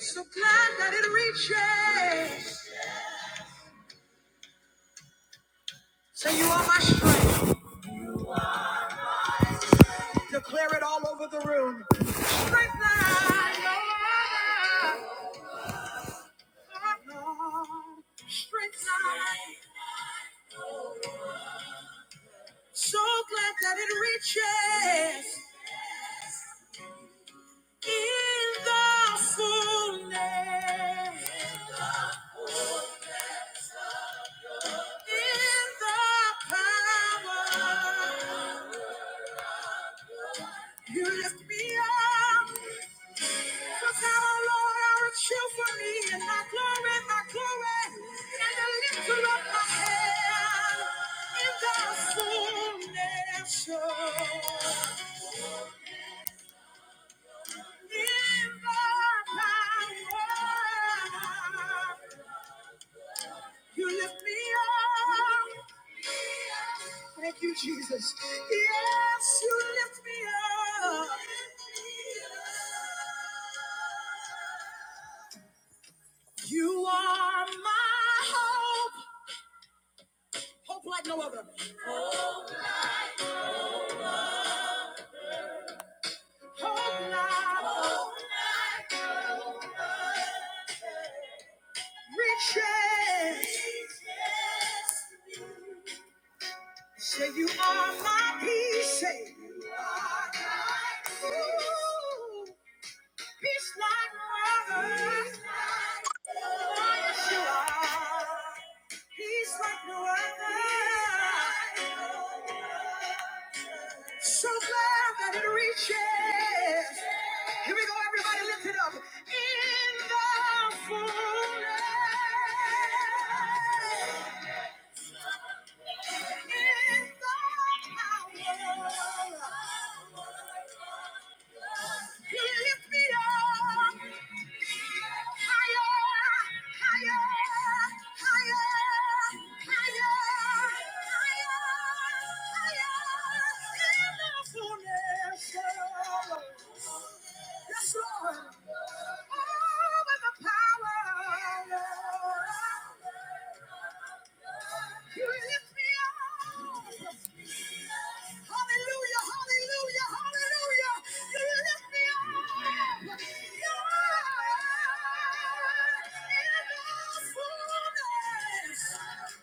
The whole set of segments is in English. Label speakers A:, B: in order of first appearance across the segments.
A: So glad that it reaches. Say you are my strength. Declare it all over the room. Strength I Lord. Strength I So glad that it reaches. In the fullness. In the power. You lift me up. Look how the Lord I shield for me and my glory, my glory, and the lifter of my head, and thou fullness show. In thy power, you lift me up. Thank you, Jesus. Yes, you lift me up. You are my hope. Hope like no other. Hope like Hope like no other. Riches. Riches. Say you are my peace. Say you are my peace. Ooh, Peace like no other. Peace like no other. Yes, you are. Peace like no other. Peace like no other. So glad that it reaches. Here we go, everybody, lift it up. In the fullness. Higher, higher, higher, higher, Yes, Lord. Oh, with the power. You lift me up. Hallelujah, hallelujah, hallelujah. You lift me up. Yeah. In the fullness.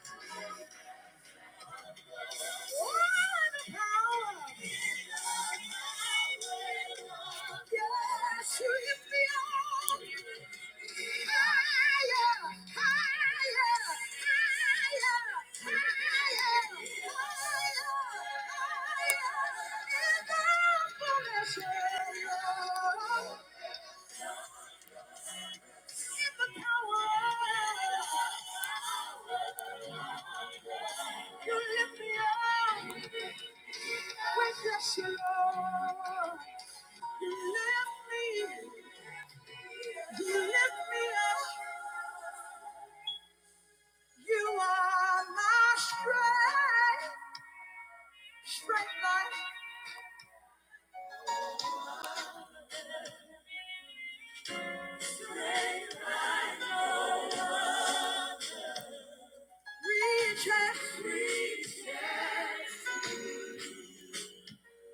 A: Yeah.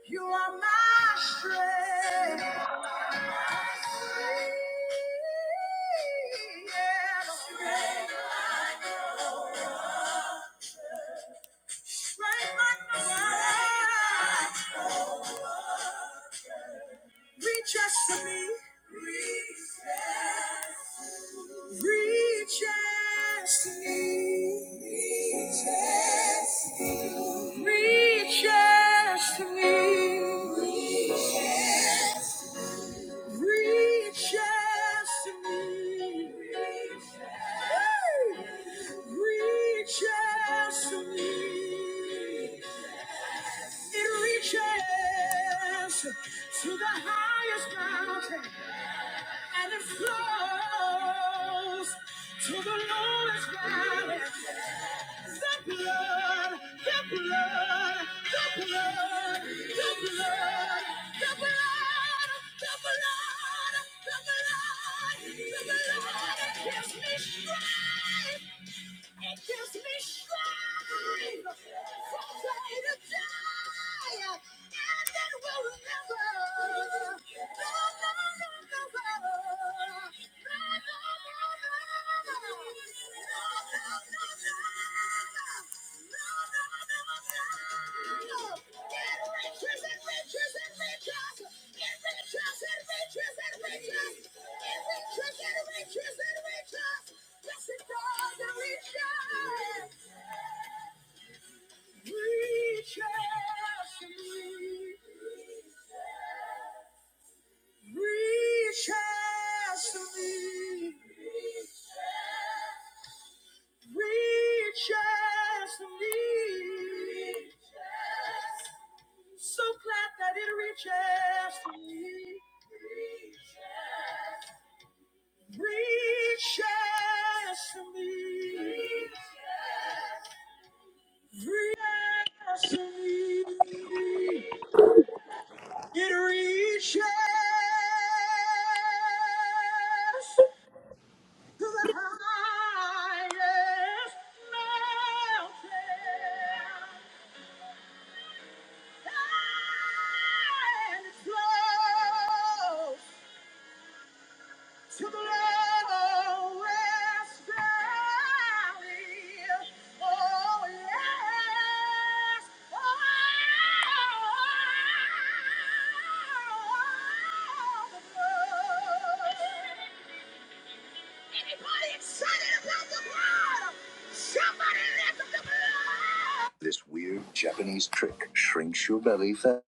A: You are my strength. Reach out to me. Reach out to me. Reach out to me. Reaches to me. Hey! Reaches to me. It reaches to the highest mountain and it flows to the lowest valley. The blood, the blood, the blood, the blood, the blood, the blood, the blood, the blood. It gives me strength. It gives me strength from day to day, and it will never, Reach out to me. Reach out to me. Reach out to me. So glad that it reaches to me. Reach out to me. Reach out to me. It reaches. to the highest mountain and it flows to the lowest valley. Oh yes, oh, the blood. Anybody excited about the blood? Somebody lift up the blood! This weird Japanese trick shrinks your belly fat.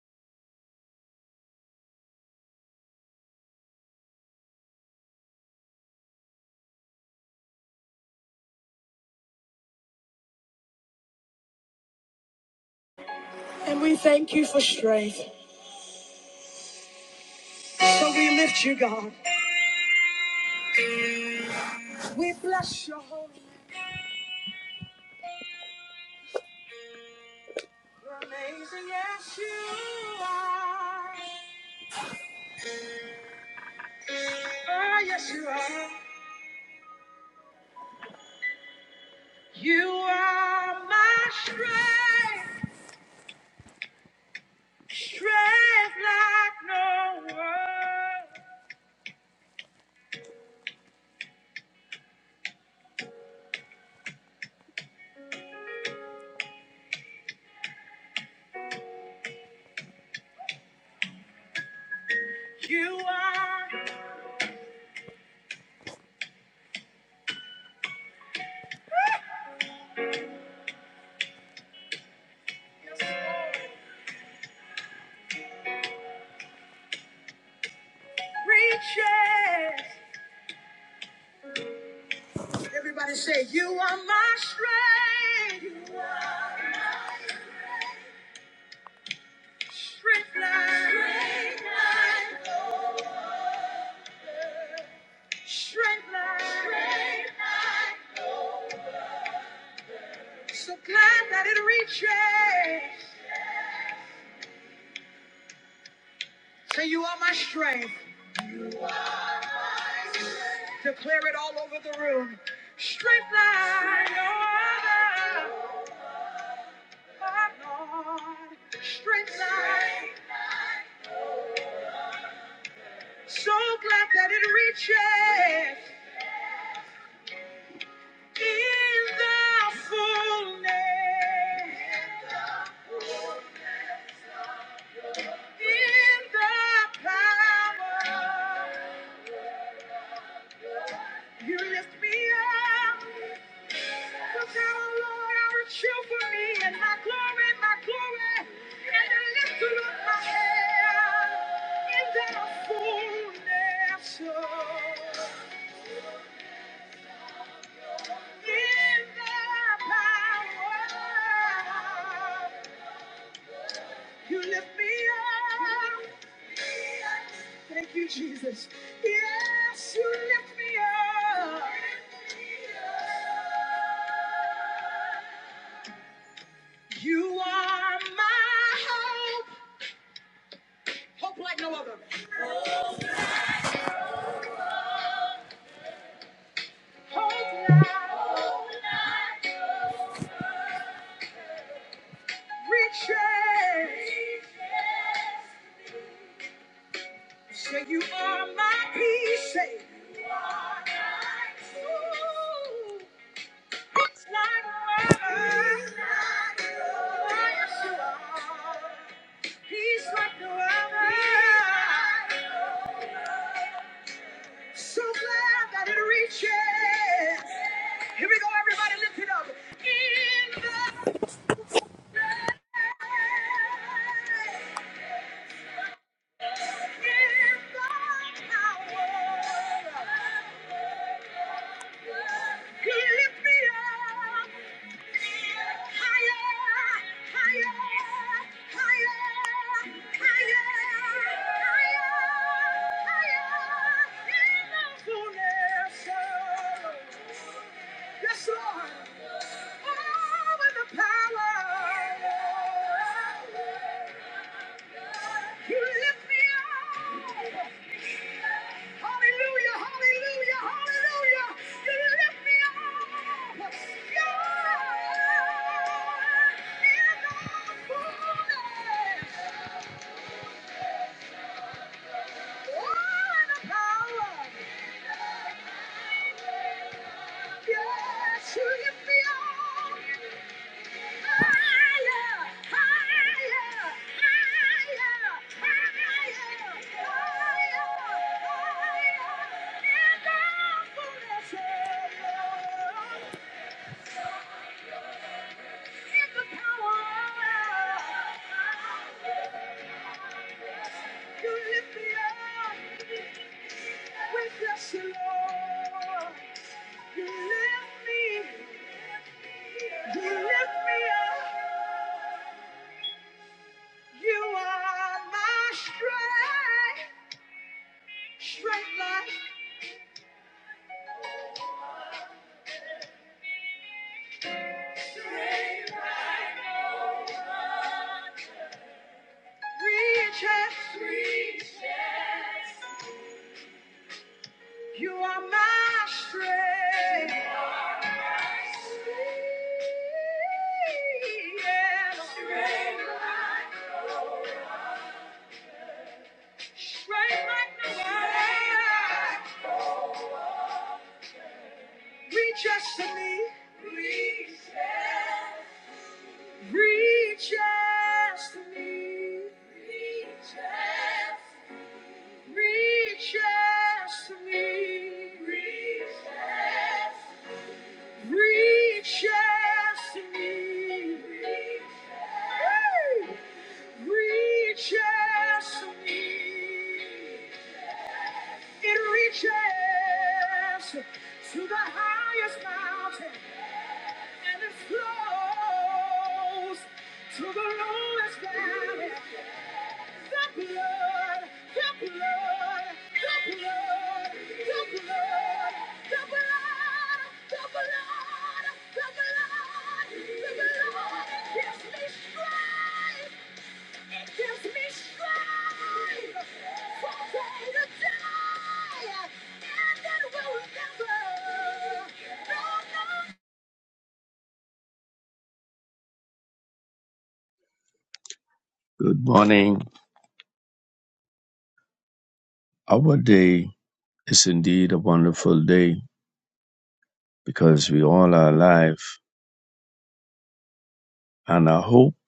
A: And we thank you for strength. So we lift you, God. We bless your holy name. You're amazing, yes, you are. Oh, yes, you are. You are my strength, strength like no one. You are reaching. Everybody say, You are my strength. You are strength line. Strength line. So glad that it reaches. Say, You are my strength. Declare it all over the room. Strength line. oh my Lord. Strength line. So glad that it reaches in the fullness. In the power, you lift me up. Look out, O Lord, I will show for me and my glory, my glory, and I lift up my head in the fullness of- in the power. You lift me up. Thank you, Jesus. Yes, you lift me up. You are my hope. Hope like no other. Hope now. Riches. Say you are my peace. Say you are my peace. It's like water. Yes, you are. He swept away. So glad that it reaches. Here we go, everybody, lift it up. In the he lift me up. Higher, higher, higher, higher, higher, higher. In the power. You lift me up. Hallelujah, hallelujah, hallelujah. You lift me up. You're in the fullness. Oh, in the power. Yes, you lift me up. Higher, higher, higher, higher, higher, higher. In the fullness of your You are my strength. Yeah. strength like the Reach us to me. Reaches to me. reaches out. Reach out to me. reaches out. to me. reaches out. to me. It reaches to the highest mountain and it flows to the lowest valley. No, no.
B: Good morning. Our day is indeed a wonderful day because we all are alive, and our hope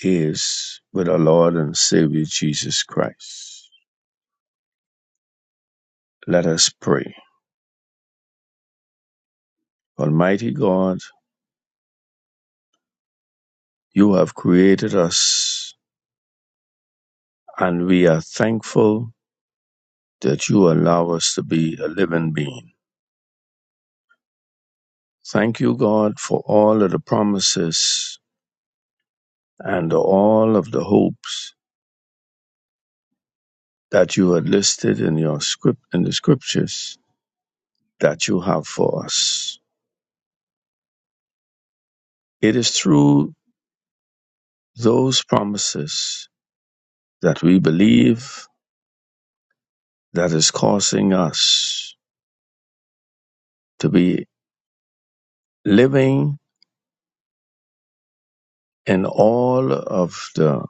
B: is with our Lord and Savior Jesus Christ. Let us pray. Almighty God, you have created us, and we are thankful that you allow us to be a living being. Thank you, God, for all of the promises and all of the hopes that you had listed in your script in the scriptures that you have for us. It is through those promises that we believe that is causing us to be living in all of the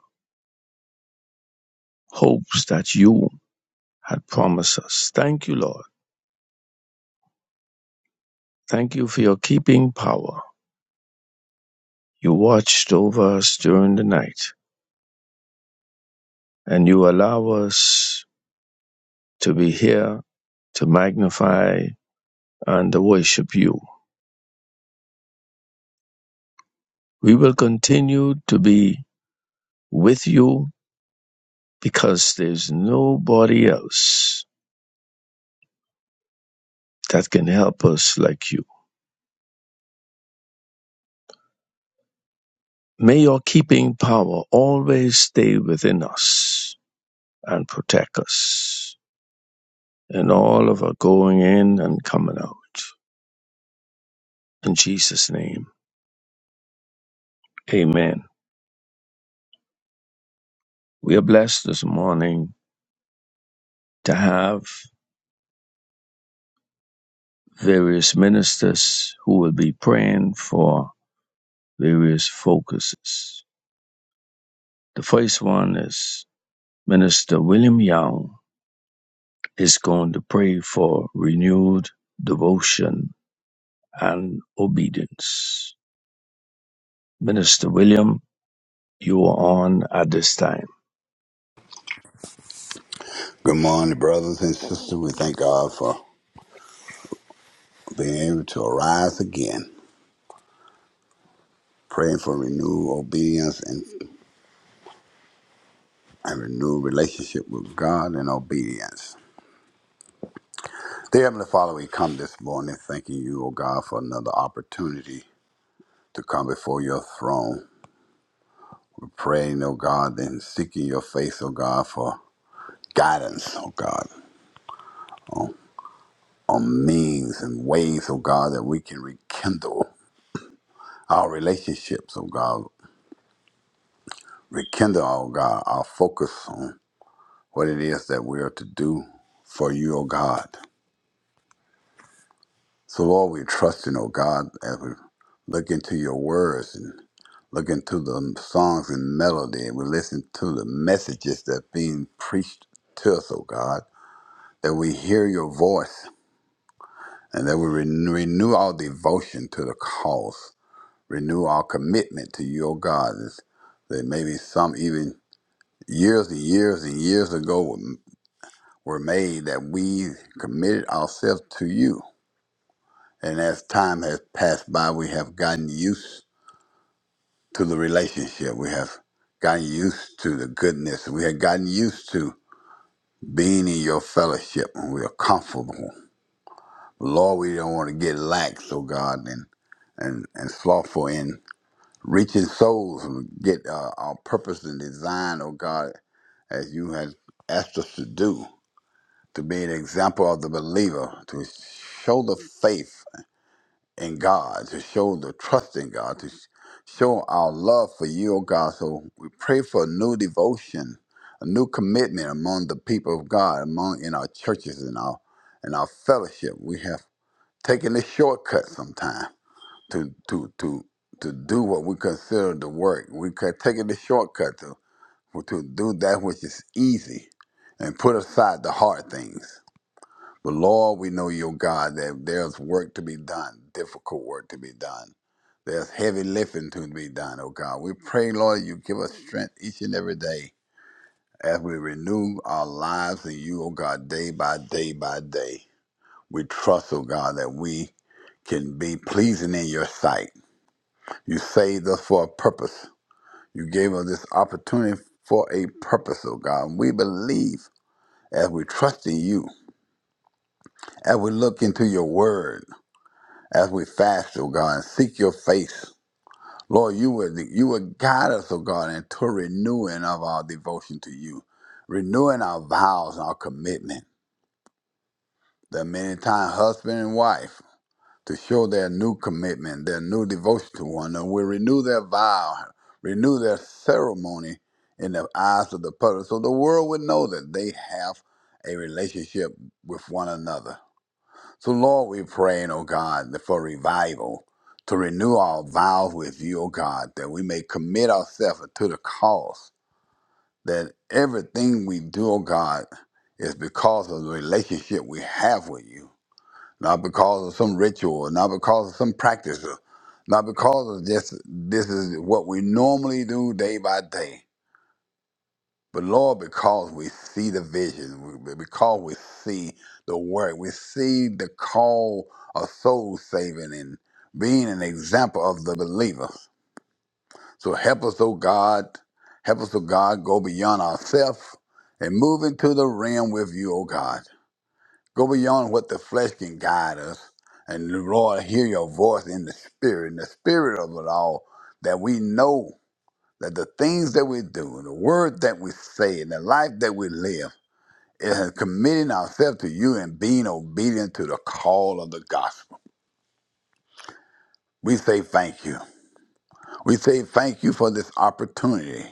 B: hopes that you had promised us. Thank you, Lord. Thank you for your keeping power. You watched over us during the night and you allow us to be here to magnify and worship you. We will continue to be with you because there's nobody else that can help us like you. May your keeping power always stay within us and protect us in all of our going in and coming out. In Jesus' name, amen. We are blessed this morning to have various ministers who will be praying for various focuses. The first one is Minister William Young is going to pray for renewed devotion and obedience. Minister William, you are on at this time.
C: Good morning, brothers and sisters. We thank God for being able to arise again, praying for renewed obedience and a renewed relationship with God and obedience. Dear Heavenly Father, we come this morning thanking you, O God, for another opportunity to come before your throne. We're praying, O God, and seeking your face, O God, for guidance, O God, on means and ways, O God, that we can rekindle our relationships, O God, rekindle, O God, our focus on what it is that we are to do for you, O God. So, Lord, we trust in, O God, as we look into your words and look into the songs and melody, and we listen to the messages that are being preached to us, O God, that we hear your voice and that we ren- renew our devotion to the cause, renew our commitment to you, O God. It's- That maybe some even years and years and years ago were were made that we committed ourselves to you And as time has passed by, we have gotten used to the relationship. We have gotten used to the goodness. We have gotten used to being in your fellowship and we are comfortable. Lord, we don't want to get lax, oh God, and and, and slothful in reaching souls and get uh, our purpose and design, oh God, as you have asked us to do, to be an example of the believer, to show the faith in God, to show the trust in God, to sh- show our love for you, oh God. So we pray for a new devotion, a new commitment among the people of God, among in our churches and our and our fellowship. We have taken the shortcut sometime to to to to do what we consider the work. We could taken the shortcut to to do that which is easy and put aside the hard things. But Lord, we know you're God, that there's work to be done, difficult work to be done. There's heavy lifting to be done, oh God. We pray, Lord, you give us strength each and every day as we renew our lives in you, oh God, day by day by day. We trust, oh God, that we can be pleasing in your sight. You saved us for a purpose. You gave us this opportunity for a purpose, oh God. we believe as we trust in you, as we look into your word. as we fast, O God, and seek your face. Lord, you would you would guide us, O God, into renewing of our devotion to you, renewing our vows and our commitment. That many times husband and wife to show their new commitment, their new devotion to one another, will renew their vow, renew their ceremony in the eyes of the public, so the world would know that they have a relationship with one another. So, Lord, we're praying, O God, for revival, to renew our vows with you, O God, that we may commit ourselves to the cause, that everything we do, O God, is because of the relationship we have with you, not because of some ritual, not because of some practice, not because of just this is what we normally do day by day. But Lord, because we see the vision, we- because we see the work, we see the call of soul saving and being an example of the believer. So help us, oh God, help us, oh God, go beyond ourselves and move into the realm with you, oh God. Go beyond what the flesh can guide us. And Lord, hear your voice in the spirit, in the spirit of it all, that we know that the things that we do, and the word that we say, and the life that we live, and committing ourselves to you and being obedient to the call of the gospel. We say thank you. We say thank you for this opportunity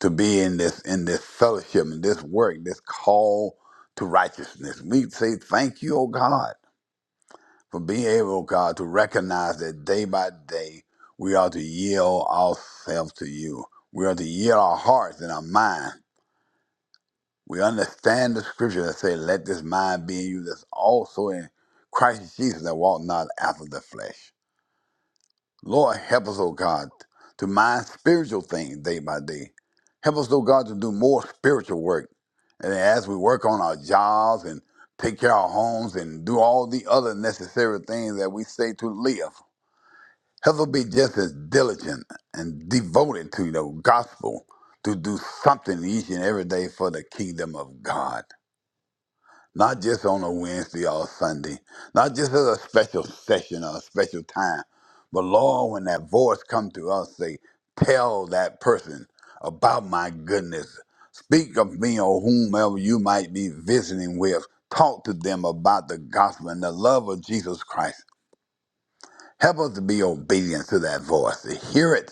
C: to be in this in this fellowship and this work, this call to righteousness. We say thank you, oh God, for being able, oh God, to recognize that day by day we are to yield ourselves to you. We are to yield our hearts and our minds We understand the scripture that say, let this mind be in you that's also in Christ Jesus that walk not after the flesh. Lord, help us, O God, to mind spiritual things day by day. Help us, O God, to do more spiritual work. And as we work on our jobs and take care of our homes and do all the other necessary things that we say to live, help us be just as diligent and devoted to the gospel to do something each and every day for the kingdom of God not just on a Wednesday or a Sunday, not just as a special session or a special time, but Lord, when that voice come to us, say, tell that person about my goodness. Speak of me or whomever you might be visiting with. Talk to them about the gospel and the love of Jesus Christ. Help us to be obedient to that voice, to hear it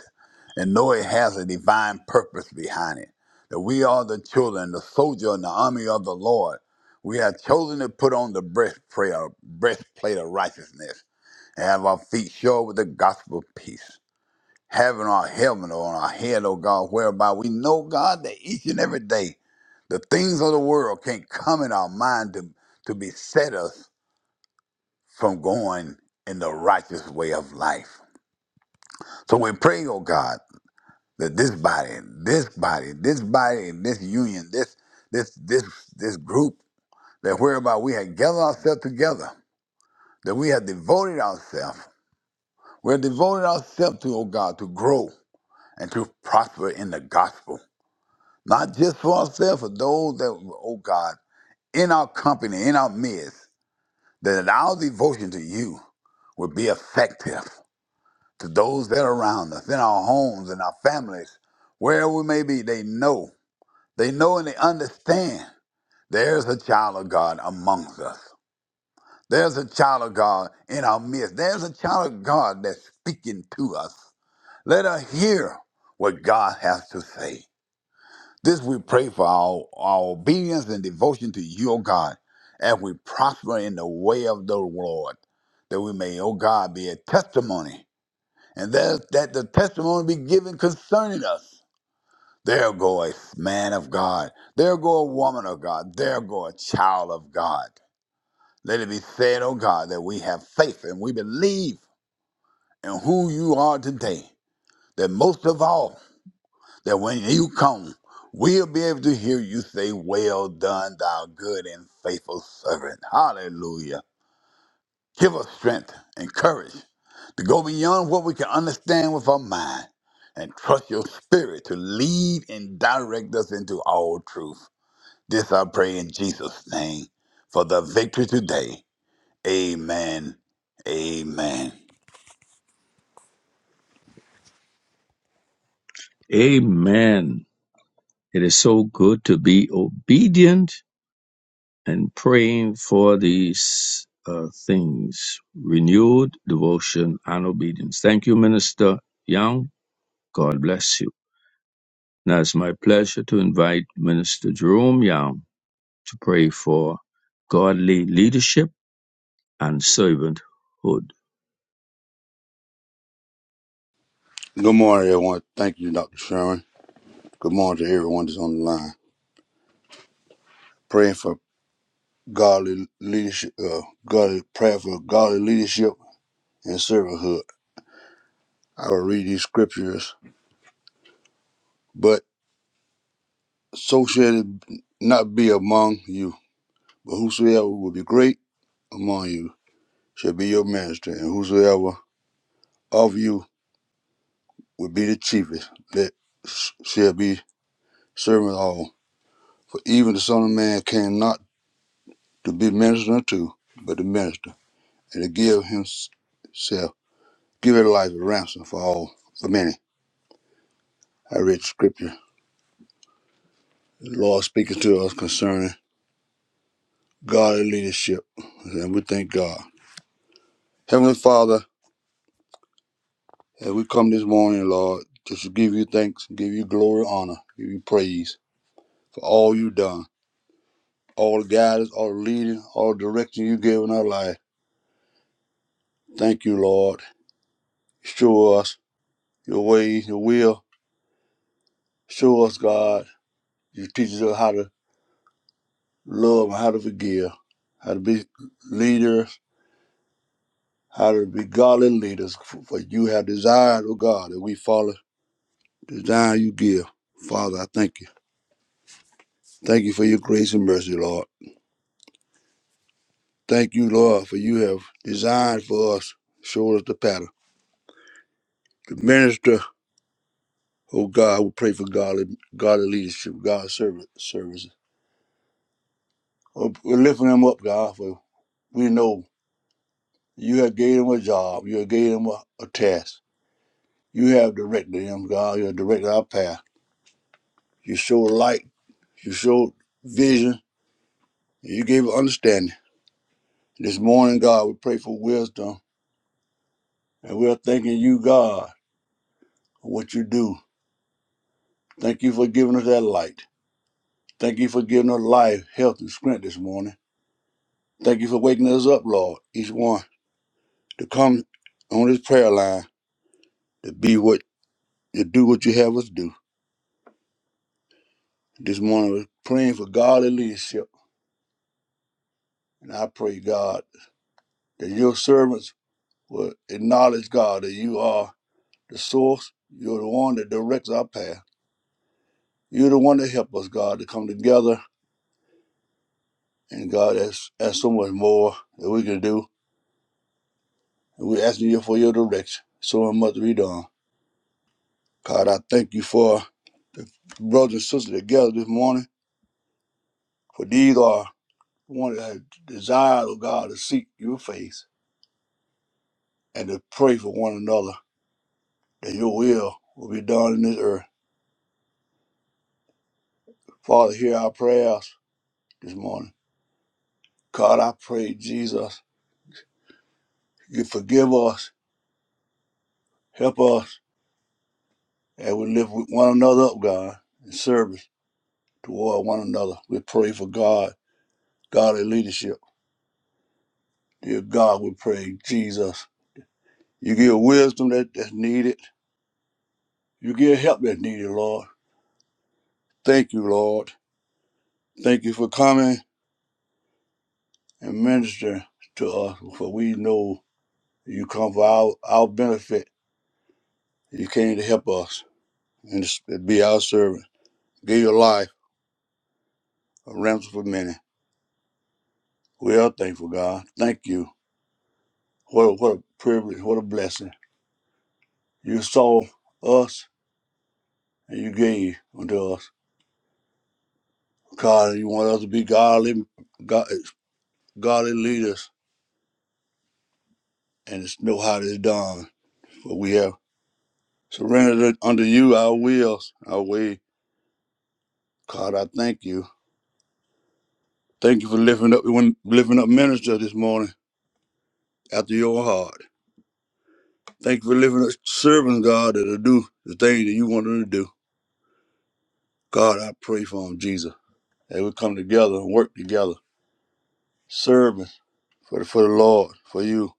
C: and know it has a divine purpose behind it. That we are the children, the soldier in the army of the Lord. We have chosen to put on the breastplate of, breastplate of righteousness and have our feet shod with the gospel of peace. Having our helmet on our head, oh God, whereby we know, God, that each and every day the things of the world can't come in our mind to, to beset us from going in the righteous way of life. So we pray, oh God, that this body, this body, this body, and this union, this this this this group, that whereby we have gathered ourselves together, that we have devoted ourselves, we have devoted ourselves to, oh God, to grow and to prosper in the gospel. Not just for ourselves, for those that, oh God, in our company, in our midst, that our devotion to you will be effective to those that are around us, in our homes, in our families, wherever we may be, they know. They know and they understand there's a child of God amongst us. There's a child of God in our midst. There's a child of God that's speaking to us. Let us hear what God has to say. This we pray for our, our obedience and devotion to you, O God, as we prosper in the way of the Lord, that we may, O God, be a testimony and that, that the testimony be given concerning us. There go a man of God. There go a woman of God. There go a child of God. Let it be said, oh God, that we have faith and we believe in who you are today. That most of all, that when you come, we'll be able to hear you say, Well done, thou good and faithful servant. Hallelujah. Give us strength and courage to go beyond what we can understand with our mind and trust your spirit to lead and direct us into all truth. This I pray in Jesus' name for the victory today. Amen. Amen.
B: Amen. It is so good to be obedient and praying for these uh, things renewed devotion and obedience. Thank you, Minister Young. God bless you. Now it's my pleasure to invite Minister Jerome Young to pray for godly leadership and servanthood.
D: Good morning, everyone. Thank you, Dr. Sherman. Good morning to everyone that's on the line. Praying for godly leadership, uh, godly prayer for godly leadership and servanthood. I will read these scriptures. But so shall it not be among you, but whosoever will be great among you shall be your minister, and whosoever of you will be the chiefest, that sh- shall be servant of all. For even the Son of Man came not to be ministered unto, but to minister and to give himself, give his life a ransom for all, for many. I read scripture. The Lord speaking to us concerning godly leadership, and we thank God. Heavenly Father, as we come this morning, Lord, just to give you thanks, give you glory, honor, give you praise for all you've done, all the guidance, all the leading, all the direction you gave in our life. Thank you, Lord. Show us your ways, your will. Show us, God. You teach us how to love, and how to forgive, how to be leaders, how to be godly leaders. For you have desired, oh God, that we follow the desire you give. Father, I thank you. Thank you for your grace and mercy, Lord. Thank you, Lord, for you have designed for us, showed us the pattern. The minister, oh God, we pray for godly, godly leadership, God's service, services. Oh, We're lifting them up, God, for we know you have gave them a job, you have gave them a, a task. You have directed them, God. You have directed our path. You showed light. You showed vision. And you gave understanding. This morning, God, we pray for wisdom. And we are thanking you, God, for what you do. Thank you for giving us that light. Thank you for giving us life, health, and strength this morning. Thank you for waking us up, Lord, each one, to come on this prayer line, to be what, to do what you have us do. This morning, we're praying for godly leadership. And I pray, God, that your servants will acknowledge, God, that you are. the source. You're the one that directs our path. You're the one that help us, God, to come together. And God, that's, that's so much more that we can do. And we're asking you for your direction. So much to be done. God, I thank you for the brothers and sisters together this morning. For these are one that have desired of God to seek your face and to pray for one another that your will will be done in this earth. Father, hear our prayers this morning. God, I pray, Jesus, you forgive us, help us and we lift with one another up, God, in service toward one another. We pray for God, godly leadership. Dear God, we pray, Jesus, you give wisdom that, that's needed. You give help that's needed, Lord. Thank you, Lord. Thank you for coming and ministering to us, for we know you come for our, our benefit. You came to help us and to be our servant. Give your life a ransom for many. We are thankful, God. Thank you. What a, what a privilege, what a blessing. You saw us and you gave unto us. God, you want us to be godly, God, godly leaders and it's know how it's done. But we have surrendered it unto you our wills, our way. God, I thank you. Thank you for lifting up lifting up ministers this morning after your heart. Thank you for lifting up servants, God, that'll do the thing that you want them to do. God, I pray for them, Jesus. That we come together and work together. Serving for the, for the Lord, for you.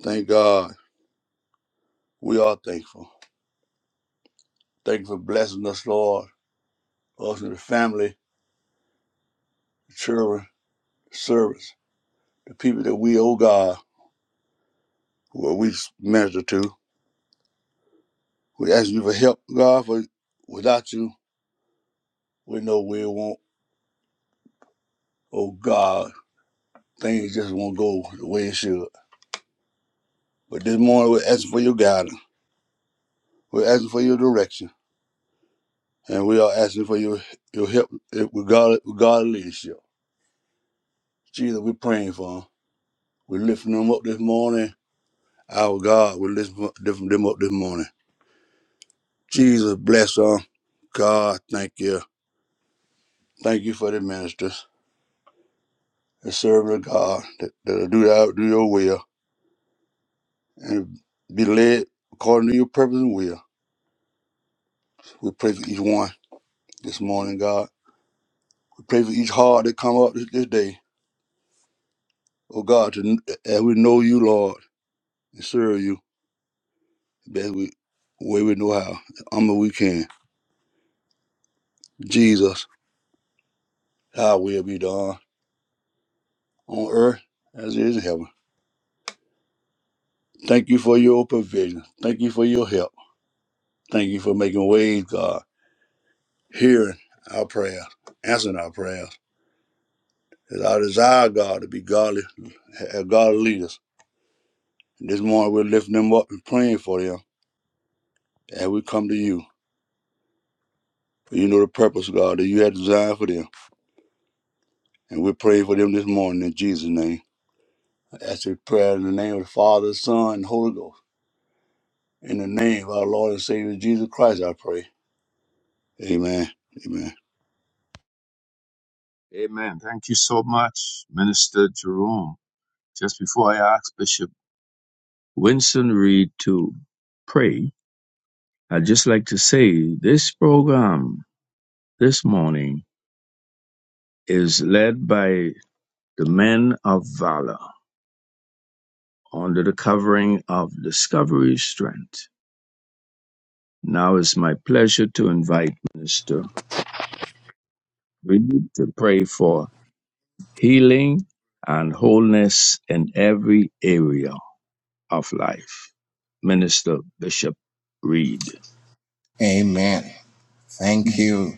D: Thank God. We are thankful. Thank you for blessing us, Lord, us and the family, the children, the servants, the people that we owe God, who we minister to. We ask you for help, God, for without you, we know we won't, oh God, things just won't go the way it should. But this morning, we're asking for your guidance. We're asking for your direction. And we are asking for your, your help eh, with God, with God leadership. Jesus, we're praying for them. We're lifting them up this morning. Our God, we're lifting them up this morning Jesus bless them. God, thank you. Thank you for the ministers, the servant of God that, that'll do that, do your will and be led according to your purpose and will. We pray for each one this morning, God. We pray for each heart that come up this, this day. Oh God, to, as we know you, Lord, and serve you best we way we know how. I'm we can. Jesus, thy will be done on earth as it is in heaven. Thank you for your provision. Thank you for your help. Thank you for making ways, God hearing our prayers, answering our prayers. It's our desire, God, to be godly, have godly leaders. And this morning we're lifting them up and praying for them as we come to you. For you know the purpose, God, that you had designed for them. And we're praying for them this morning in Jesus' name. I ask your prayer in the name of the Father, Son, and Holy Ghost. In the name of our Lord and Savior Jesus Christ, I pray. Amen. Amen.
B: Amen. Thank you so much, Minister Jerome. Just before I ask Bishop Winston Reed to pray, I'd just like to say this program this morning is led by the men of valor under the covering of Discovery Strength. Now it's my pleasure to invite Minister Reed to pray for healing and wholeness in every area of life. Minister Bishop Reed
E: Amen. Thank you,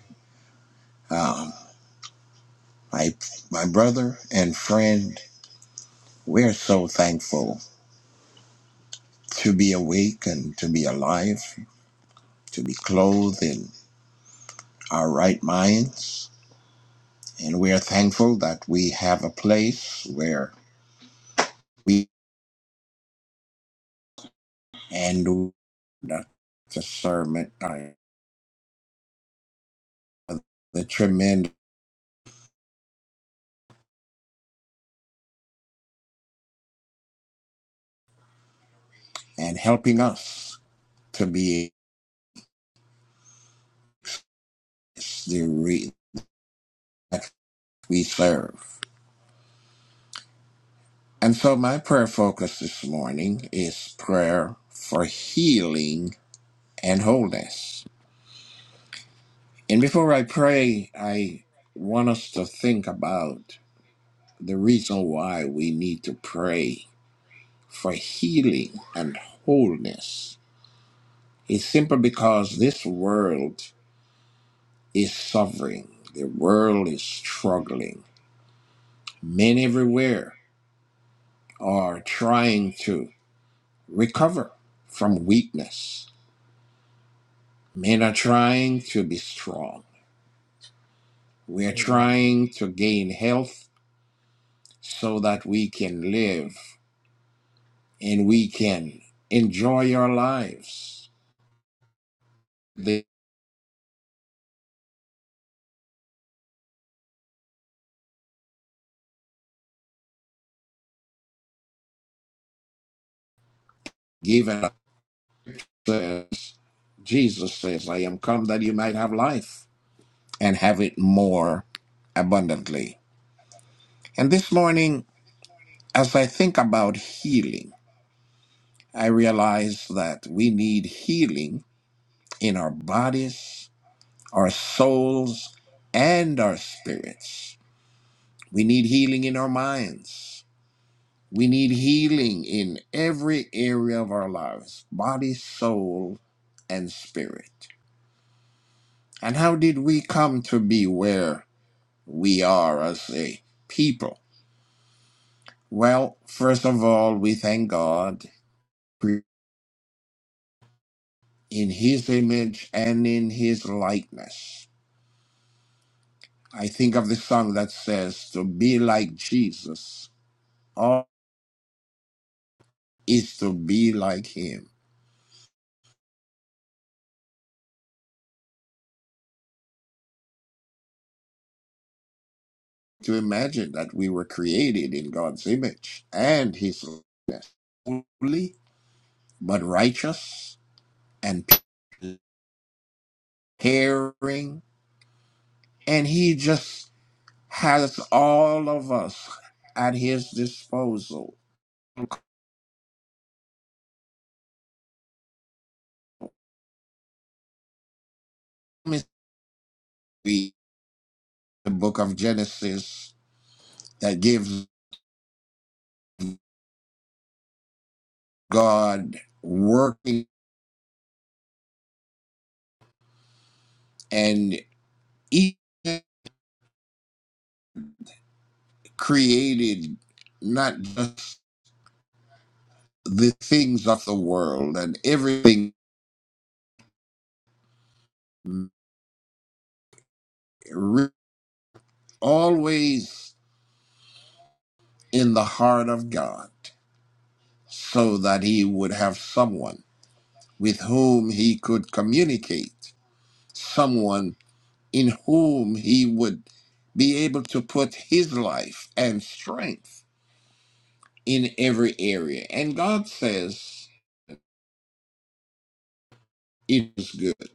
E: my my brother and friend. We're so thankful to be awake and to be alive, to be clothed in our right minds, and we are thankful that we have a place where we and the discernment are the tremendous and helping us to be the re- that we serve. And so my prayer focus this morning is prayer for healing and wholeness. And before I pray, I want us to think about the reason why we need to pray for healing and wholeness. It's simply because this world is suffering, the world is struggling. Men everywhere are trying to recover from weakness Men are trying to be strong. We are Mm. trying to gain health so that we can live and we can enjoy our lives. They given us, Jesus says, I am come that you might have life and have it more abundantly. And this morning, as I think about healing, I realize that we need healing in our bodies, our souls, and our spirits We need healing in our minds. We need healing in every area of our lives body, soul, and spirit. And how did we come to be where we are as a people? Well, first of all, we thank God in His image and in His likeness. I think of the song that says, To be like Jesus, all is to be like Him. to imagine that we were created in God's image and His likeness, holy but righteous and caring, and He just has all of us at His disposal. The book of Genesis that gives God working and He created not just the things of the world and everything re- always in the heart of God so that he would have someone with whom he could communicate, someone in whom he would be able to put his life and strength in every area. And God says it is good.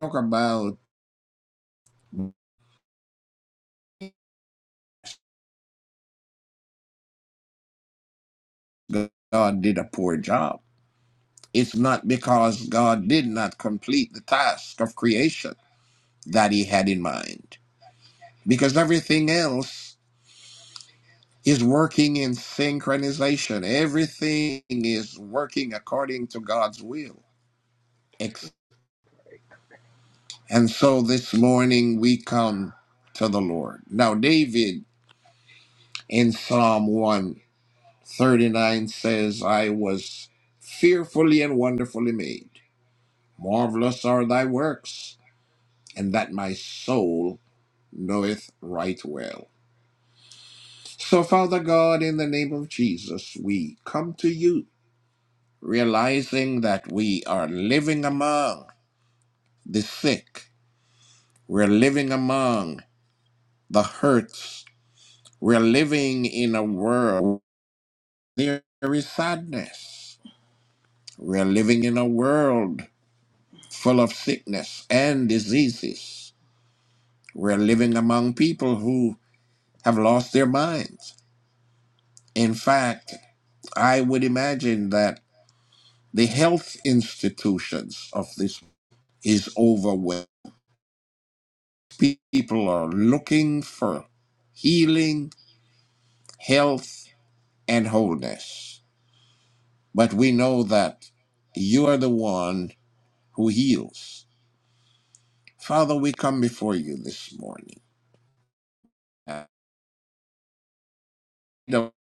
E: Talk about God did a poor job. It's not because God did not complete the task of creation that he had in mind because everything else is working in synchronization. Everything is working according to God's will. And so this morning we come to the Lord. Now, David in Psalm 139 says, I was fearfully and wonderfully made. Marvelous are thy works, and that my soul knoweth right well. So, Father God, in the name of Jesus, we come to you realizing that we are living among the sick, we're living among the hurts, we're living in a world where there is sadness, we're living in a world full of sickness and diseases, we're living among people who have lost their minds. In fact, I would imagine that the health institutions of this is overwhelmed People are looking for healing, health, and wholeness. But we know that you are the one who heals. Father, we come before you this morning. And The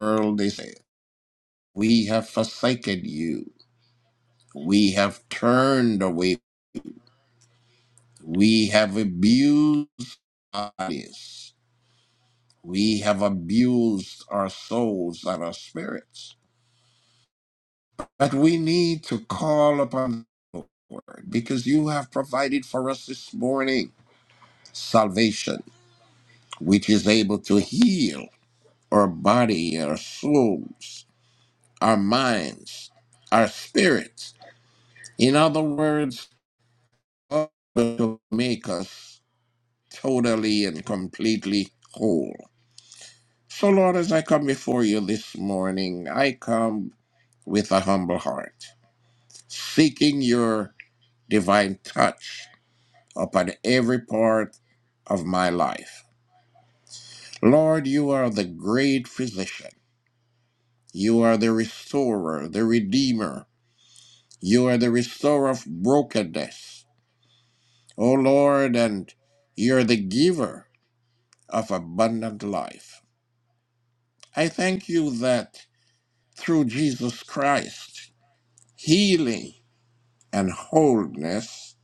E: world is we have forsaken you. We have turned away. We have abused our bodies. We have abused our souls and our spirits. But we need to call upon the Lord because you have provided for us this morning salvation, which is able to heal our body, our souls, our minds, our spirits. In other words, to make us totally and completely whole. So, Lord, as I come before you this morning, I come with a humble heart, seeking your divine touch upon every part of my life. Lord, you are the great physician. You are the restorer, the redeemer. You are the restorer of brokenness. O Lord, and you're the giver of abundant life. I thank you that through Jesus Christ, healing and wholeness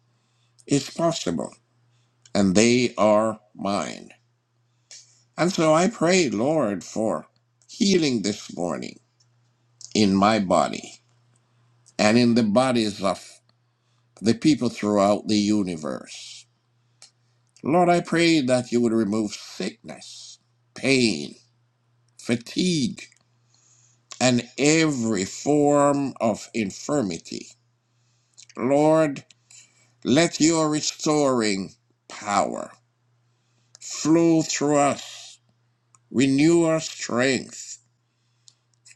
E: is possible, and they are mine. And so I pray, Lord, for healing this morning in my body and in the bodies of the people throughout the universe. Lord, I pray that you would remove sickness, pain, fatigue, and every form of infirmity. Lord, let your restoring power flow through us, renew our strength.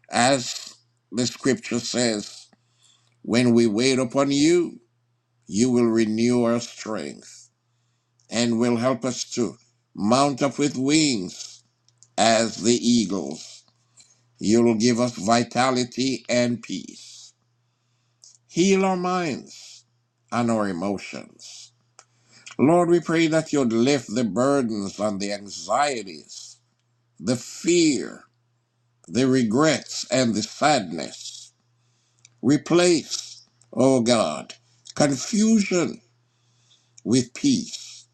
E: As the scripture says, when we wait upon you, you will renew our strength. and will help us to mount up with wings as the eagles. You'll give us vitality and peace. Heal our minds and our emotions. Lord, we pray that you'd lift the burdens and the anxieties, the fear, the regrets, and the sadness. Replace, oh God, confusion with peace,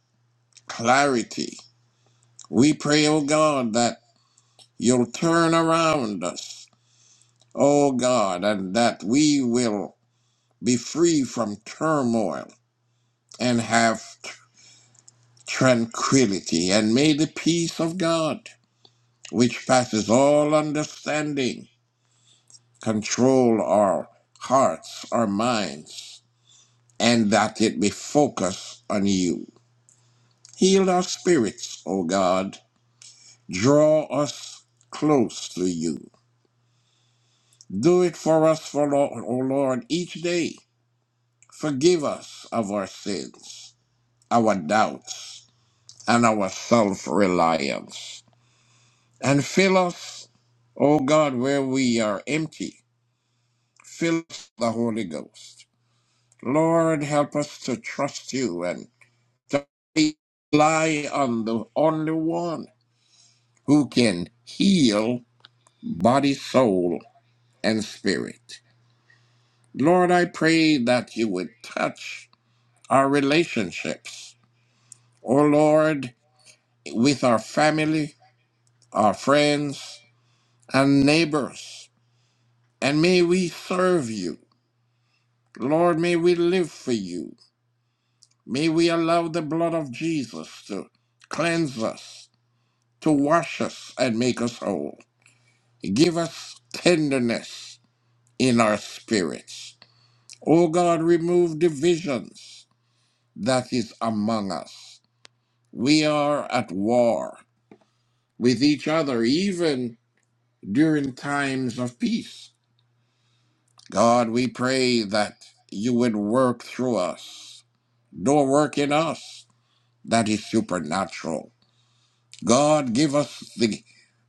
E: clarity. We pray, oh God, that You'll turn around us, O God, and that we will be free from turmoil and have tranquility. And may the peace of God, which passes all understanding, control our hearts, our minds, and that it be focused on you. Heal our spirits, O God. Draw us close to you. Do it for us, for Lord, O Lord, each day Forgive us of our sins, our doubts, and our self reliance. And fill us, O God, where we are empty. Fill us with the Holy Ghost. Lord, help us to trust you and to rely on the only one who can heal body, soul, and spirit. Lord, I pray that you would touch our relationships. O Lord, with our family, our friends and neighbors. And may we serve you. Lord, may we live for you. May we allow the blood of Jesus to cleanse us, to wash us, and make us whole. Give us tenderness in our spirits. O God, remove divisions that is among us. We are at war with each other, even during times of peace. God, we pray that you would work through us, do a work in us that is supernatural. God, give us the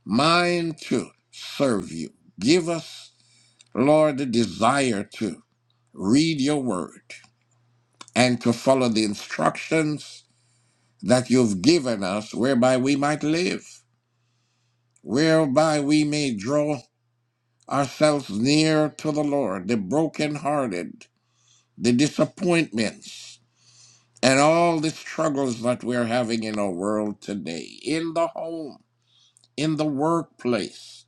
E: mind to serve you. Give us, Lord, the desire to read your word and to follow the instructions that you've given us whereby we might live, whereby we may draw ourselves near to the Lord, the brokenhearted, the disappointments and all the struggles that we're having in our world today, in the home, in the workplace,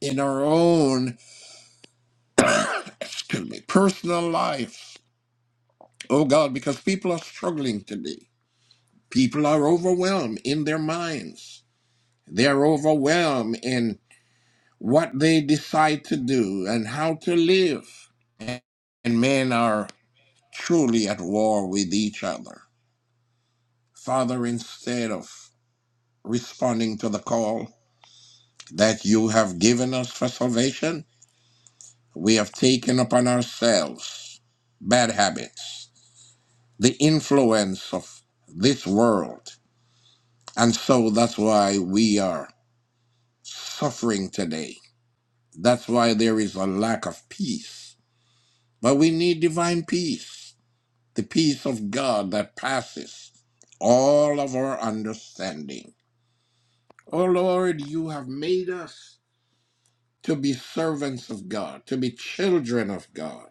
E: in our own, excuse me, personal lives. Oh God, because people are struggling today. People are overwhelmed in their minds. They are overwhelmed in what they decide to do and how to live. And and men are truly at war with each other. Father, instead of responding to the call, that you have given us for salvation, we have taken upon ourselves bad habits, the influence of this world. And so that's why we are suffering today. That's why there is a lack of peace. But we need divine peace, the peace of God that passes all of our understanding. Oh Lord, you have made us to be servants of God, to be children of God.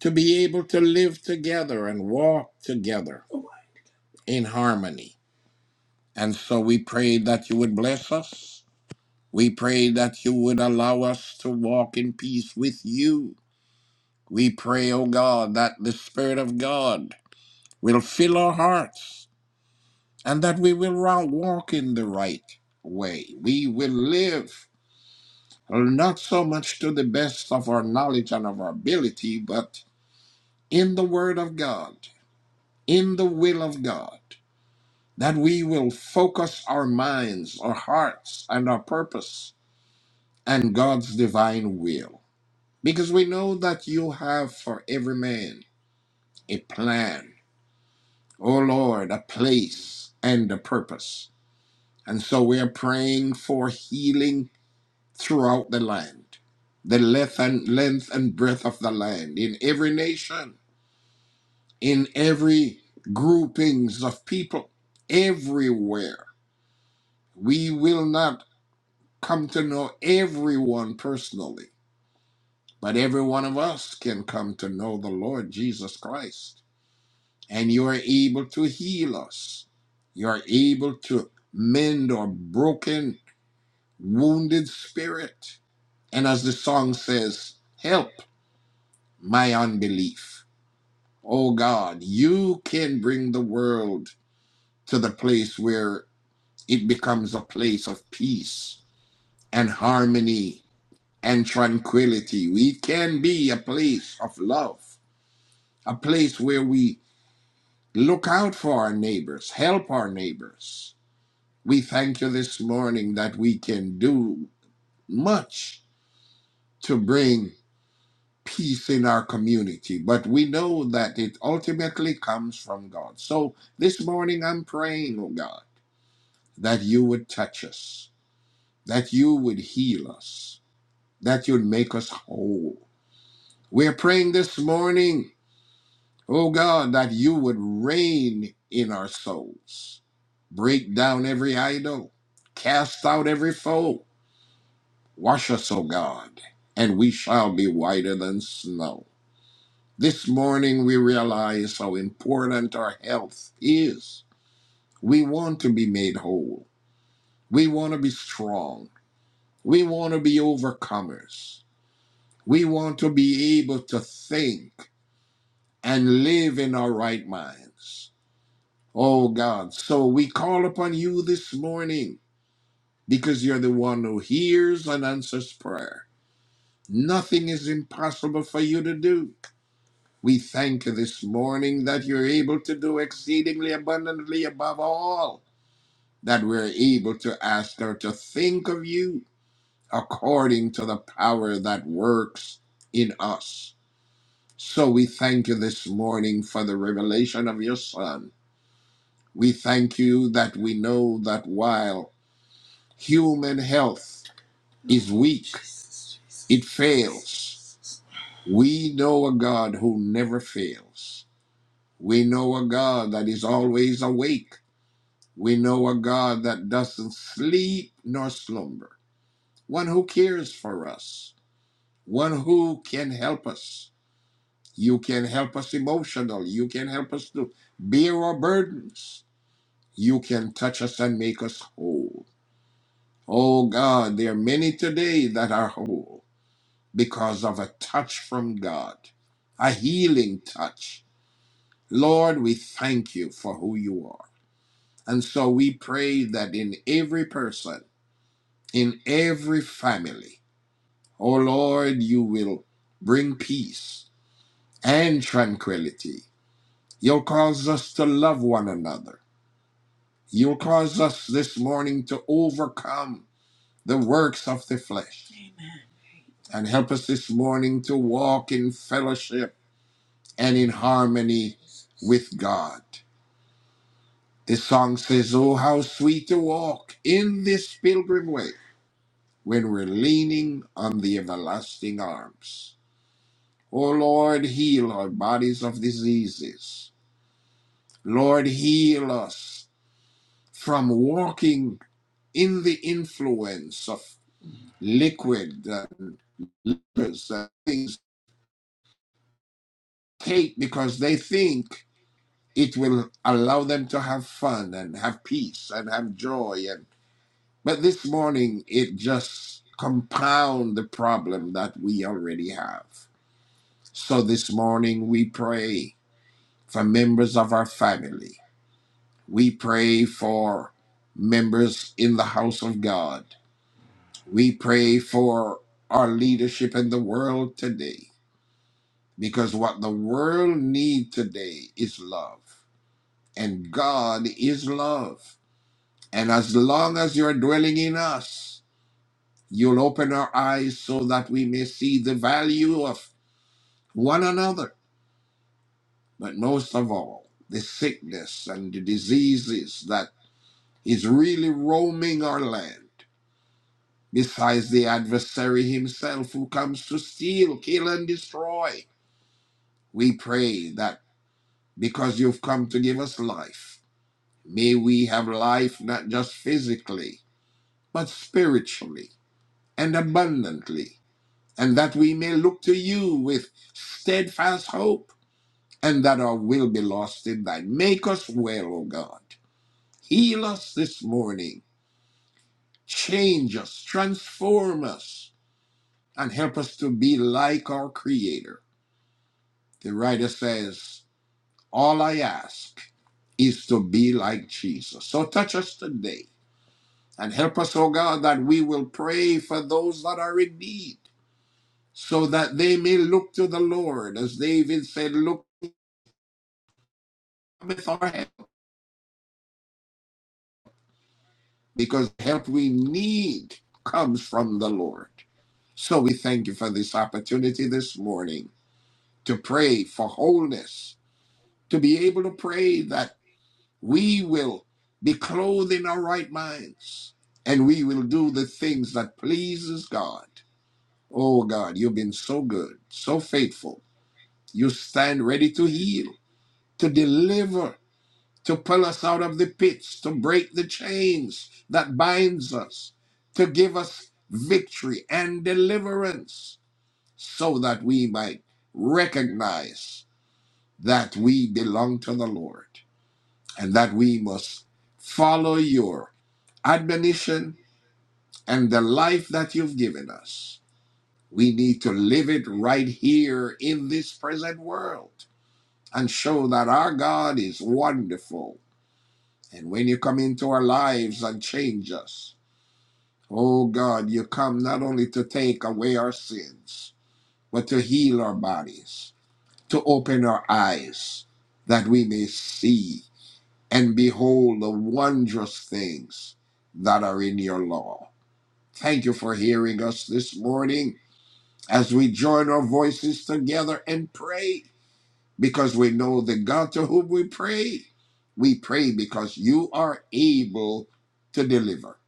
E: to be able to live together and walk together in harmony. And so we pray that you would bless us. We pray that you would allow us to walk in peace with you. We pray, O God, that the Spirit of God will fill our hearts and that we will walk in the right way. We will live not so much to the best of our knowledge and of our ability, but in the Word of God, in the will of God that we will focus our minds, our hearts, and our purpose and God's divine will. Because we know that you have for every man a plan, O Lord, a place and a purpose. And so we are praying for healing throughout the land, the length and length and breadth of the land, in every nation, in every groupings of people, everywhere. We will not come to know everyone personally, but every one of us can come to know the Lord Jesus Christ. And you are able to heal us. You are able to mend our broken, wounded spirit. And as the song says, help my unbelief. Oh God, you can bring the world to the place where it becomes a place of peace and harmony and tranquility. We can be a place of love, a place where we look out for our neighbors, help our neighbors. We thank you this morning that we can do much to bring peace in our community, but we know that it ultimately comes from God. So this morning I'm praying, oh God, that you would touch us, that you would heal us, that you'd make us whole. We're praying this morning O God, that you would reign in our souls. Break down every idol, cast out every foe. Wash us, O God, and we shall be whiter than snow. This morning we realize how important our health is. We want to be made whole. We want to be strong. We want to be overcomers. We want to be able to think and live in our right minds. Oh God, so we call upon you this morning because you're the one who hears and answers prayer. Nothing is impossible for you to do. We thank you this morning that you're able to do exceedingly abundantly above all that we're able to ask or to think of you according to the power that works in us. So we thank you this morning for the revelation of your Son. We thank you that we know that while human health is weak, it fails. We know a God who never fails. We know a God that is always awake. We know a God that doesn't sleep nor slumber, one who cares for us, one who can help us. You can help us emotional. You can help us to bear our burdens. You can touch us and make us whole. Oh God, there are many today that are whole because of a touch from God, a healing touch. Lord, we thank you for who you are. And so we pray that in every person, in every family, oh Lord, you will bring peace and tranquility. You'll cause us to love one another. You'll cause us this morning to overcome the works of the flesh and help us this morning to walk in fellowship and in harmony with God. The song says, Oh, how sweet to walk in this pilgrim way when we're leaning on the everlasting arms. Oh, Lord, heal our bodies of diseases. Lord, heal us from walking in the influence of liquid uh, things take because they think it will allow them to have fun and have peace and have joy But this morning, it just compound the problem that we already have. So this morning, we pray for members of our family. We pray for members in the house of God. We pray for our leadership in the world today. Because what the world needs today is love. And God is love. And as long as you're dwelling in us, You'll open our eyes so that we may see the value of one another, but most of all, the sickness and the diseases that is really roaming our land, besides the adversary himself who comes to steal, kill, and destroy. We pray that because you've come to give us life, may we have life not just physically, but spiritually and abundantly, and that we may look to you with steadfast hope and that our will be lost in thine. Make us well, O God. Heal us this morning. Change us, transform us, and help us to be like our Creator. The writer says, All I ask is to be like Jesus. So touch us today and help us, O God, that we will pray for those that are in need, so that they may look to the Lord. As David said, Look with our help, because the help we need comes from the Lord. So we thank you for this opportunity this morning to pray for wholeness, to be able to pray that we will be clothed in our right minds and we will do the things that pleases God. Oh God, you've been so good, so faithful. You stand ready to heal, to deliver, to pull us out of the pits, to break the chains that binds us, to give us victory and deliverance. so that we might recognize that we belong to the Lord and that we must follow your admonition and the life that you've given us. We need to live it right here in this present world and show that our God is wonderful. And when you come into our lives and change us, oh God, you come not only to take away our sins, but to heal our bodies to open our eyes that we may see and behold the wondrous things that are in your law. Thank you for hearing us this morning as we join our voices together and pray because we know the God to whom we pray. We pray because you are able to deliver.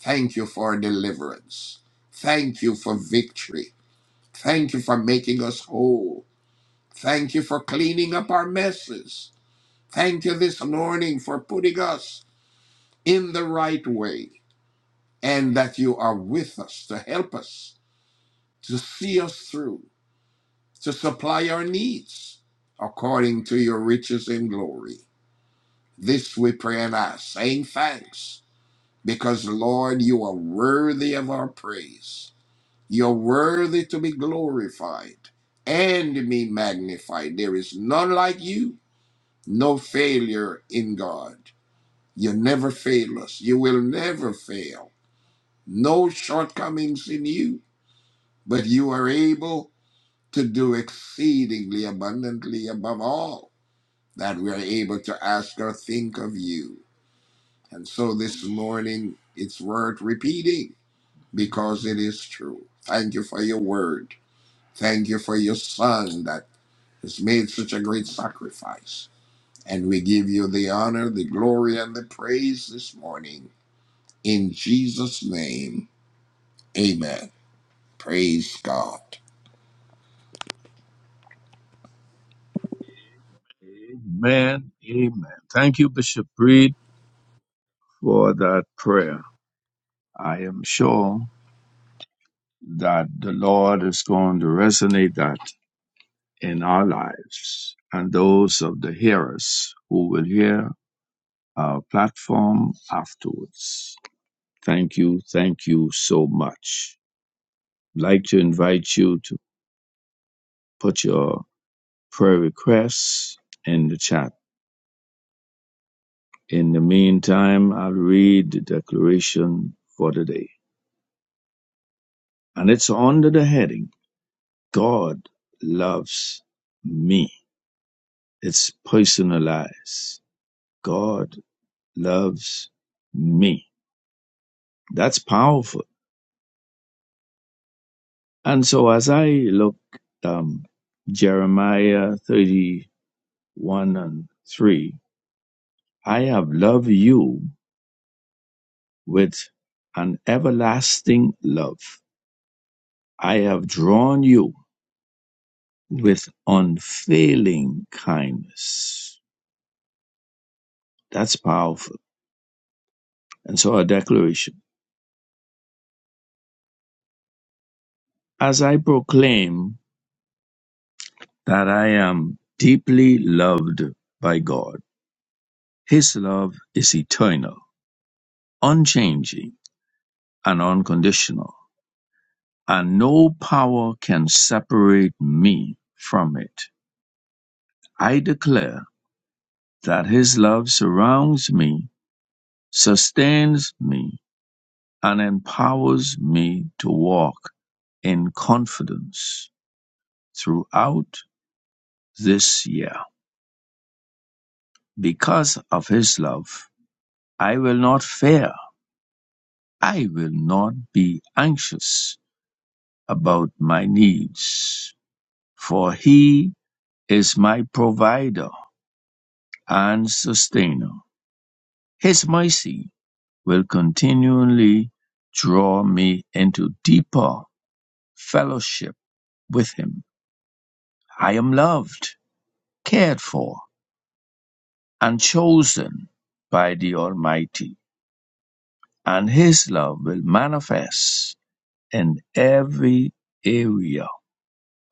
E: Thank you for deliverance. Thank you for victory. Thank you for making us whole. Thank you for cleaning up our messes. Thank you this morning for putting us in the right way and that you are with us to help us, to see us through, to supply our needs according to your riches in glory. This we pray and ask, saying thanks, because Lord, you are worthy of our praise. You're worthy to be glorified and be magnified. There is none like you, no failure in God. You never fail us. You will never fail. No shortcomings in you, but you are able to do exceedingly abundantly above all that we are able to ask or think of you. And so this morning, it's worth repeating because it is true. Thank you for your word. Thank you for your son that has made such a great sacrifice. And we give you the honor, the glory, and the praise this morning. In Jesus' name. Amen. Praise God.
B: Amen. Amen. Thank you, Bishop Reed. for that prayer. I am sure that the Lord is going to resonate that in our lives and those of the hearers who will hear our platform afterwards. Thank you. Thank you so much. I'd like to invite you to put your prayer requests in the chat. In the meantime, I'll read the declaration for today. And it's under the heading God loves me. It's personalized. God loves me. That's powerful. And so as I look um Jeremiah 31 and 3, I have loved you with an everlasting love. I have drawn you with unfailing kindness. That's powerful. And so a declaration. As I proclaim that I am deeply loved by God, His love is eternal, unchanging, and unconditional, and no power can separate me from it. I declare that His love surrounds me, sustains me, and empowers me to walk in confidence throughout this year. Because of his love, I will not fear. I will not be anxious about my needs, for he is my provider and sustainer. His mercy will continually draw me into deeper fellowship with him. I am loved, cared for, and chosen by the Almighty, and His love will manifest in every area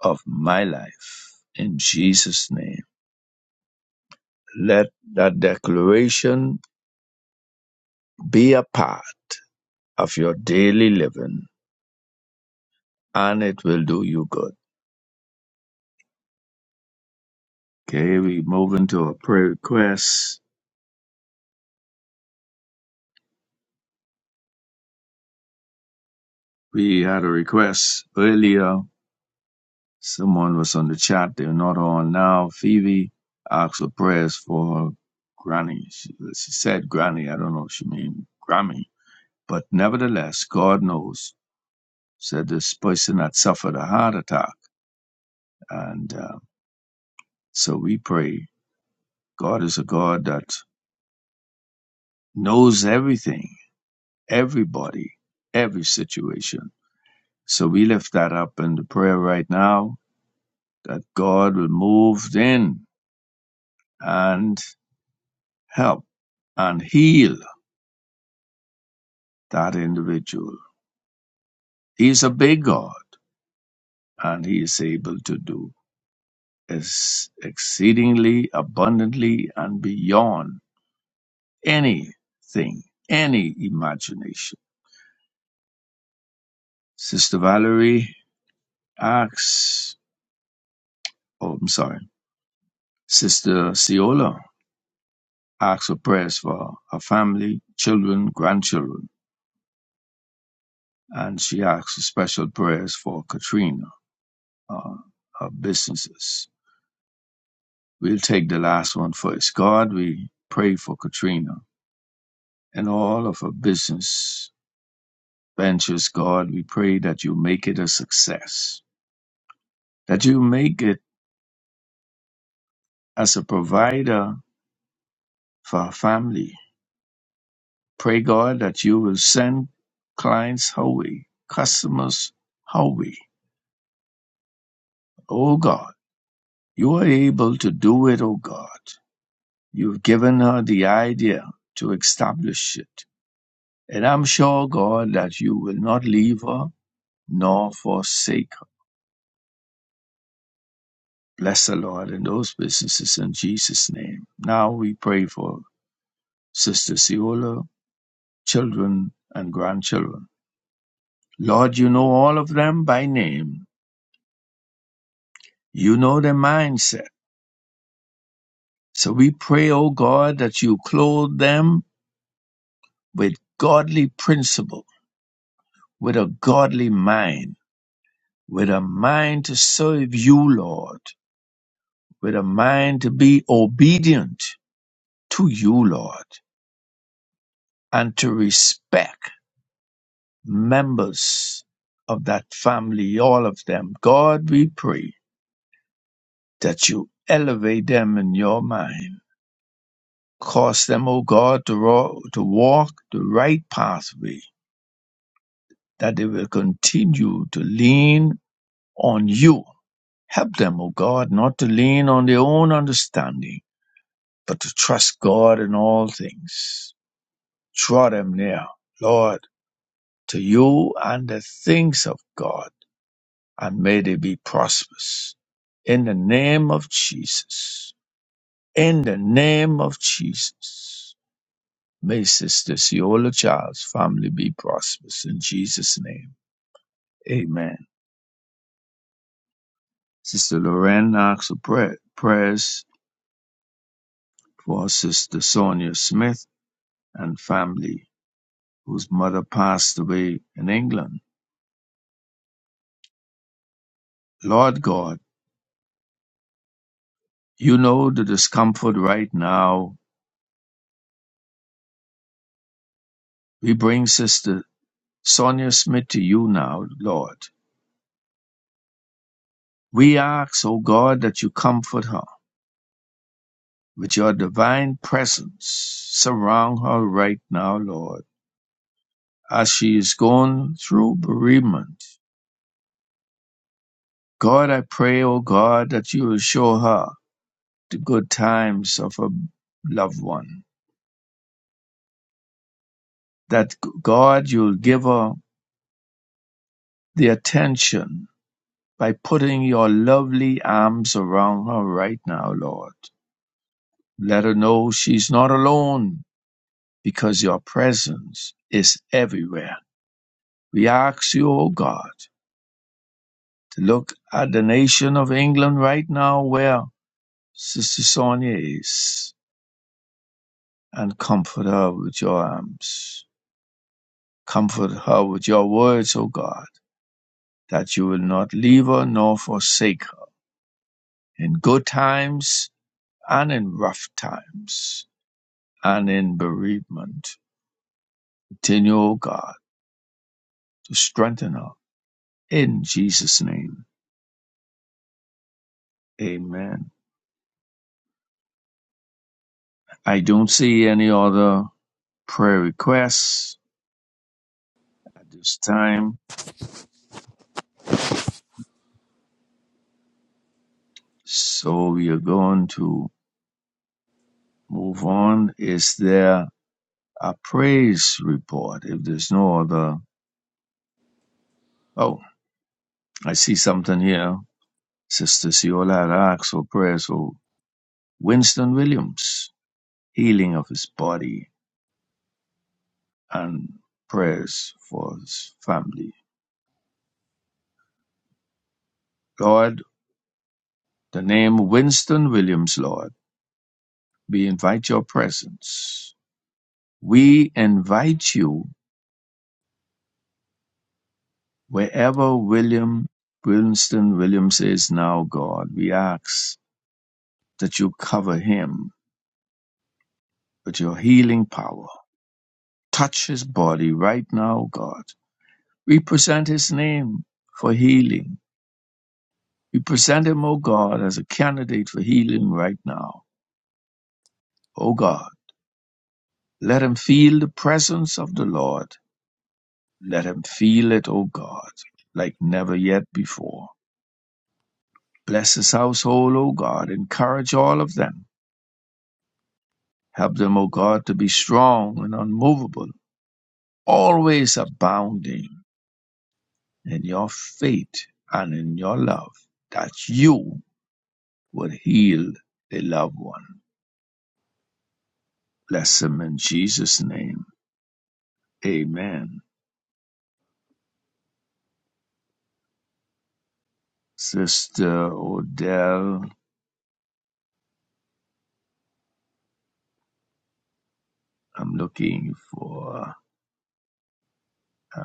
B: of my life. In Jesus' name, let that declaration be a part of your daily living, and it will do you good. Okay, we move into a prayer request. We had a request earlier Someone was on the chat. They're not on now. Phoebe asked for prayers for her granny. She, she said granny. I don't know if she meant Grammy. But nevertheless, God knows, said this person had suffered a heart attack. And uh, so we pray. God is a God that knows everything, everybody, every situation. So we lift that up in the prayer right now that God will move in and help and heal that individual. He is a big God and he is able to do ex- exceedingly abundantly and beyond anything, any imagination. Sister Valerie asks, oh, I'm sorry, Sister Ciola asks for prayers for her family, children, grandchildren, and she asks for special prayers for Katrina, uh, her businesses. We'll take the last one first. God, we pray for Katrina and all of her business ventures, God. We pray that you make it a success, that you make it as a provider for our family. Pray, God, that you will send clients her way, customers her way. Oh, God, you are able to do it, oh, God. You've given her the idea to establish it. And I'm sure, God, that you will not leave her nor forsake Bless the Lord in those businesses in Jesus' name. Now we pray for Sister Ciola, children and grandchildren. Lord, you know all of them by name. You know their mindset. So we pray, O God, that you clothe them with godly principle, with a godly mind, with a mind to serve you, Lord, with a mind to be obedient to you, Lord, and to respect members of that family, all of them. God, we pray that you elevate them in your mind. Cause them, O God, to, ro- to walk the right pathway, that they will continue to lean on you. Help them, O God, not to lean on their own understanding, but to trust God in all things. Draw them near, Lord, to you and the things of God and may they be prosperous. In the name of Jesus. In the name of Jesus. May Sister Ciola Child's family be prosperous in Jesus' name. Amen. Sister Lorraine Knox for prayer, prayers for Sister Sonia Smith and family, whose mother passed away in England. Lord God, you know the discomfort right now. We bring Sister Sonia Smith to you now, Lord. We ask, O God, that you comfort her. With your divine presence, surround her right now, Lord, as she is going through bereavement. God, I pray, O God, that you will show her the good times of her loved one. That God, you'll give her the attention by putting your lovely arms around her right now, Lord. Let her know she's not alone because your presence is everywhere. We ask you, O God, to look at the nation of England right now where Sister Sonia is and comfort her with your arms. Comfort her with your words, O God, that you will not leave her nor forsake her in good times and in rough times and in bereavement. Continue, O God, to strengthen her in Jesus' name. Amen. I don't see any other prayer requests at this time. So we are going to move on. Is there a praise report? If there's no other, oh, I see something here. Sister Ciola had asked for prayers for Winston Williams, healing of his body, and prayers for his family. Lord, the name Winston Williams, Lord, we invite your presence. We invite you Wherever William Winston Williams is now, God, we ask that you cover him with your healing power. Touch his body right now, God. We present his name for healing. We present him, O God, as a candidate for healing right now. O God, let him feel the presence of the Lord. Let him feel it, O God, like never yet before. Bless his household, O God. Encourage all of them Help them, O God, to be strong and unmovable, always abounding in your faith and in your love, that you would heal a loved one. Bless them in Jesus' name. Amen. Sister Odell, I'm looking for,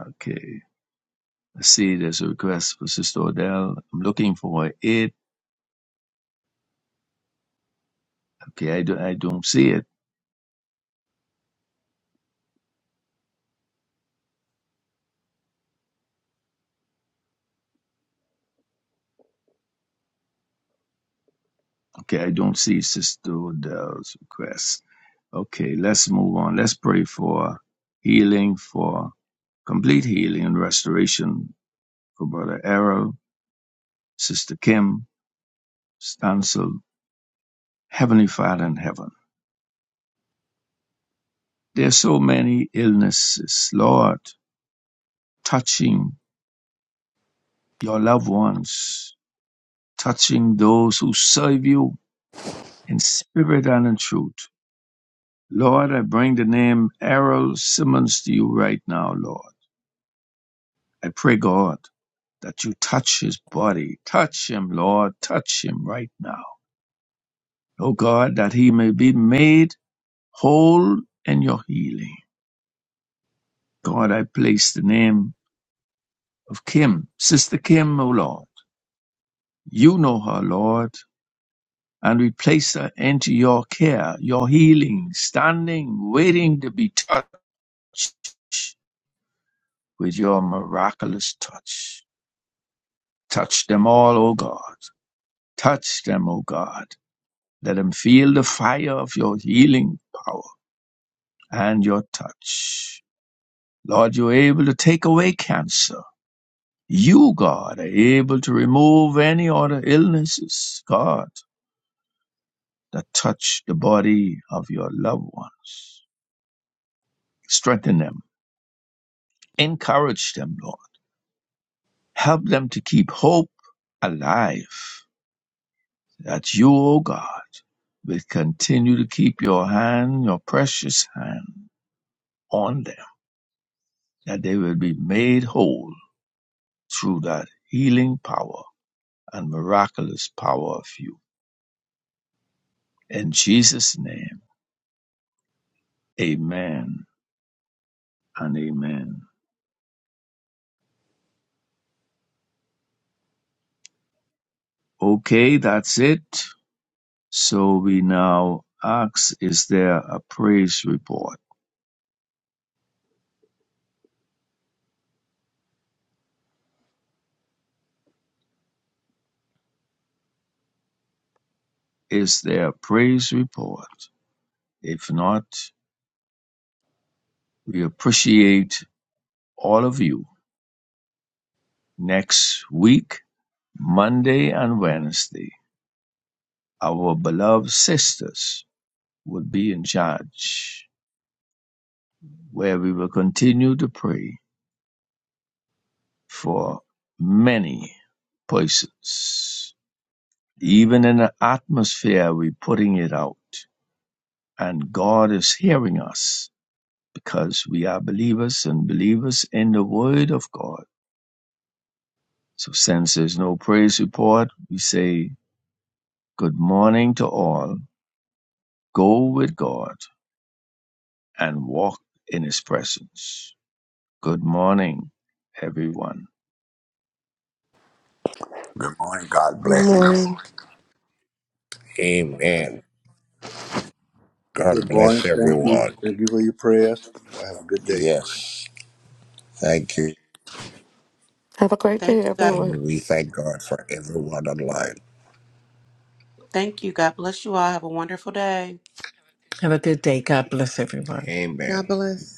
B: okay. I see there's a request for Sister Odell. I'm looking for it. Okay, I, do, I don't see it. Okay, I don't see Sister Odell's request. Okay, let's move on. Let's pray for healing, for complete healing and restoration for Brother Errol, Sister Kim, Stancil, Heavenly Father in heaven. There are so many illnesses, Lord, touching your loved ones, touching those who serve you in spirit and in truth. Lord, I bring the name Errol Simmons to you right now, Lord. I pray, God, that you touch his body. Touch him, Lord. Touch him right now. Oh God, that he may be made whole in your healing. God, I place the name of Kim, Sister Kim, oh Lord. You know her, Lord, and we place her into your care, your healing, standing, waiting to be touched with your miraculous touch. Touch them all, O God. Touch them, O God Let them feel the fire of your healing power and your touch. Lord, you're able to take away cancer. You, God, are able to remove any other illnesses, God, that touch the body of your loved ones. Strengthen them, encourage them, Lord. Help them to keep hope alive so that you, O God, will continue to keep your hand, your precious hand on them, that they will be made whole through that healing power and miraculous power of you. In Jesus' name, amen and amen. Okay, that's it. So we now ask, is there a praise report? Is there a praise report? If not, we appreciate all of you. Next week, Monday and Wednesday, our beloved sisters will be in charge where we will continue to pray for many places. Even in the atmosphere, we're putting it out. And God is hearing us because we are believers and believers in the Word of God. So, since there's no praise report, we say good morning to all. Go with God and walk in His presence. Good morning, everyone.
C: Good morning. God
F: Good morning.
C: blessings.
E: Amen. God
D: Good morning.
E: bless
D: Thank you.
E: everyone.
D: Thank you for your prayers. Y'all have a good day.
E: Yes. Thank you.
G: Have a great day,
H: Thank you, God.
G: everyone.
E: And we thank God for everyone online.
H: Thank you. God bless you all. Have a wonderful day.
E: Have a good day. God bless everyone. Amen.
I: God bless.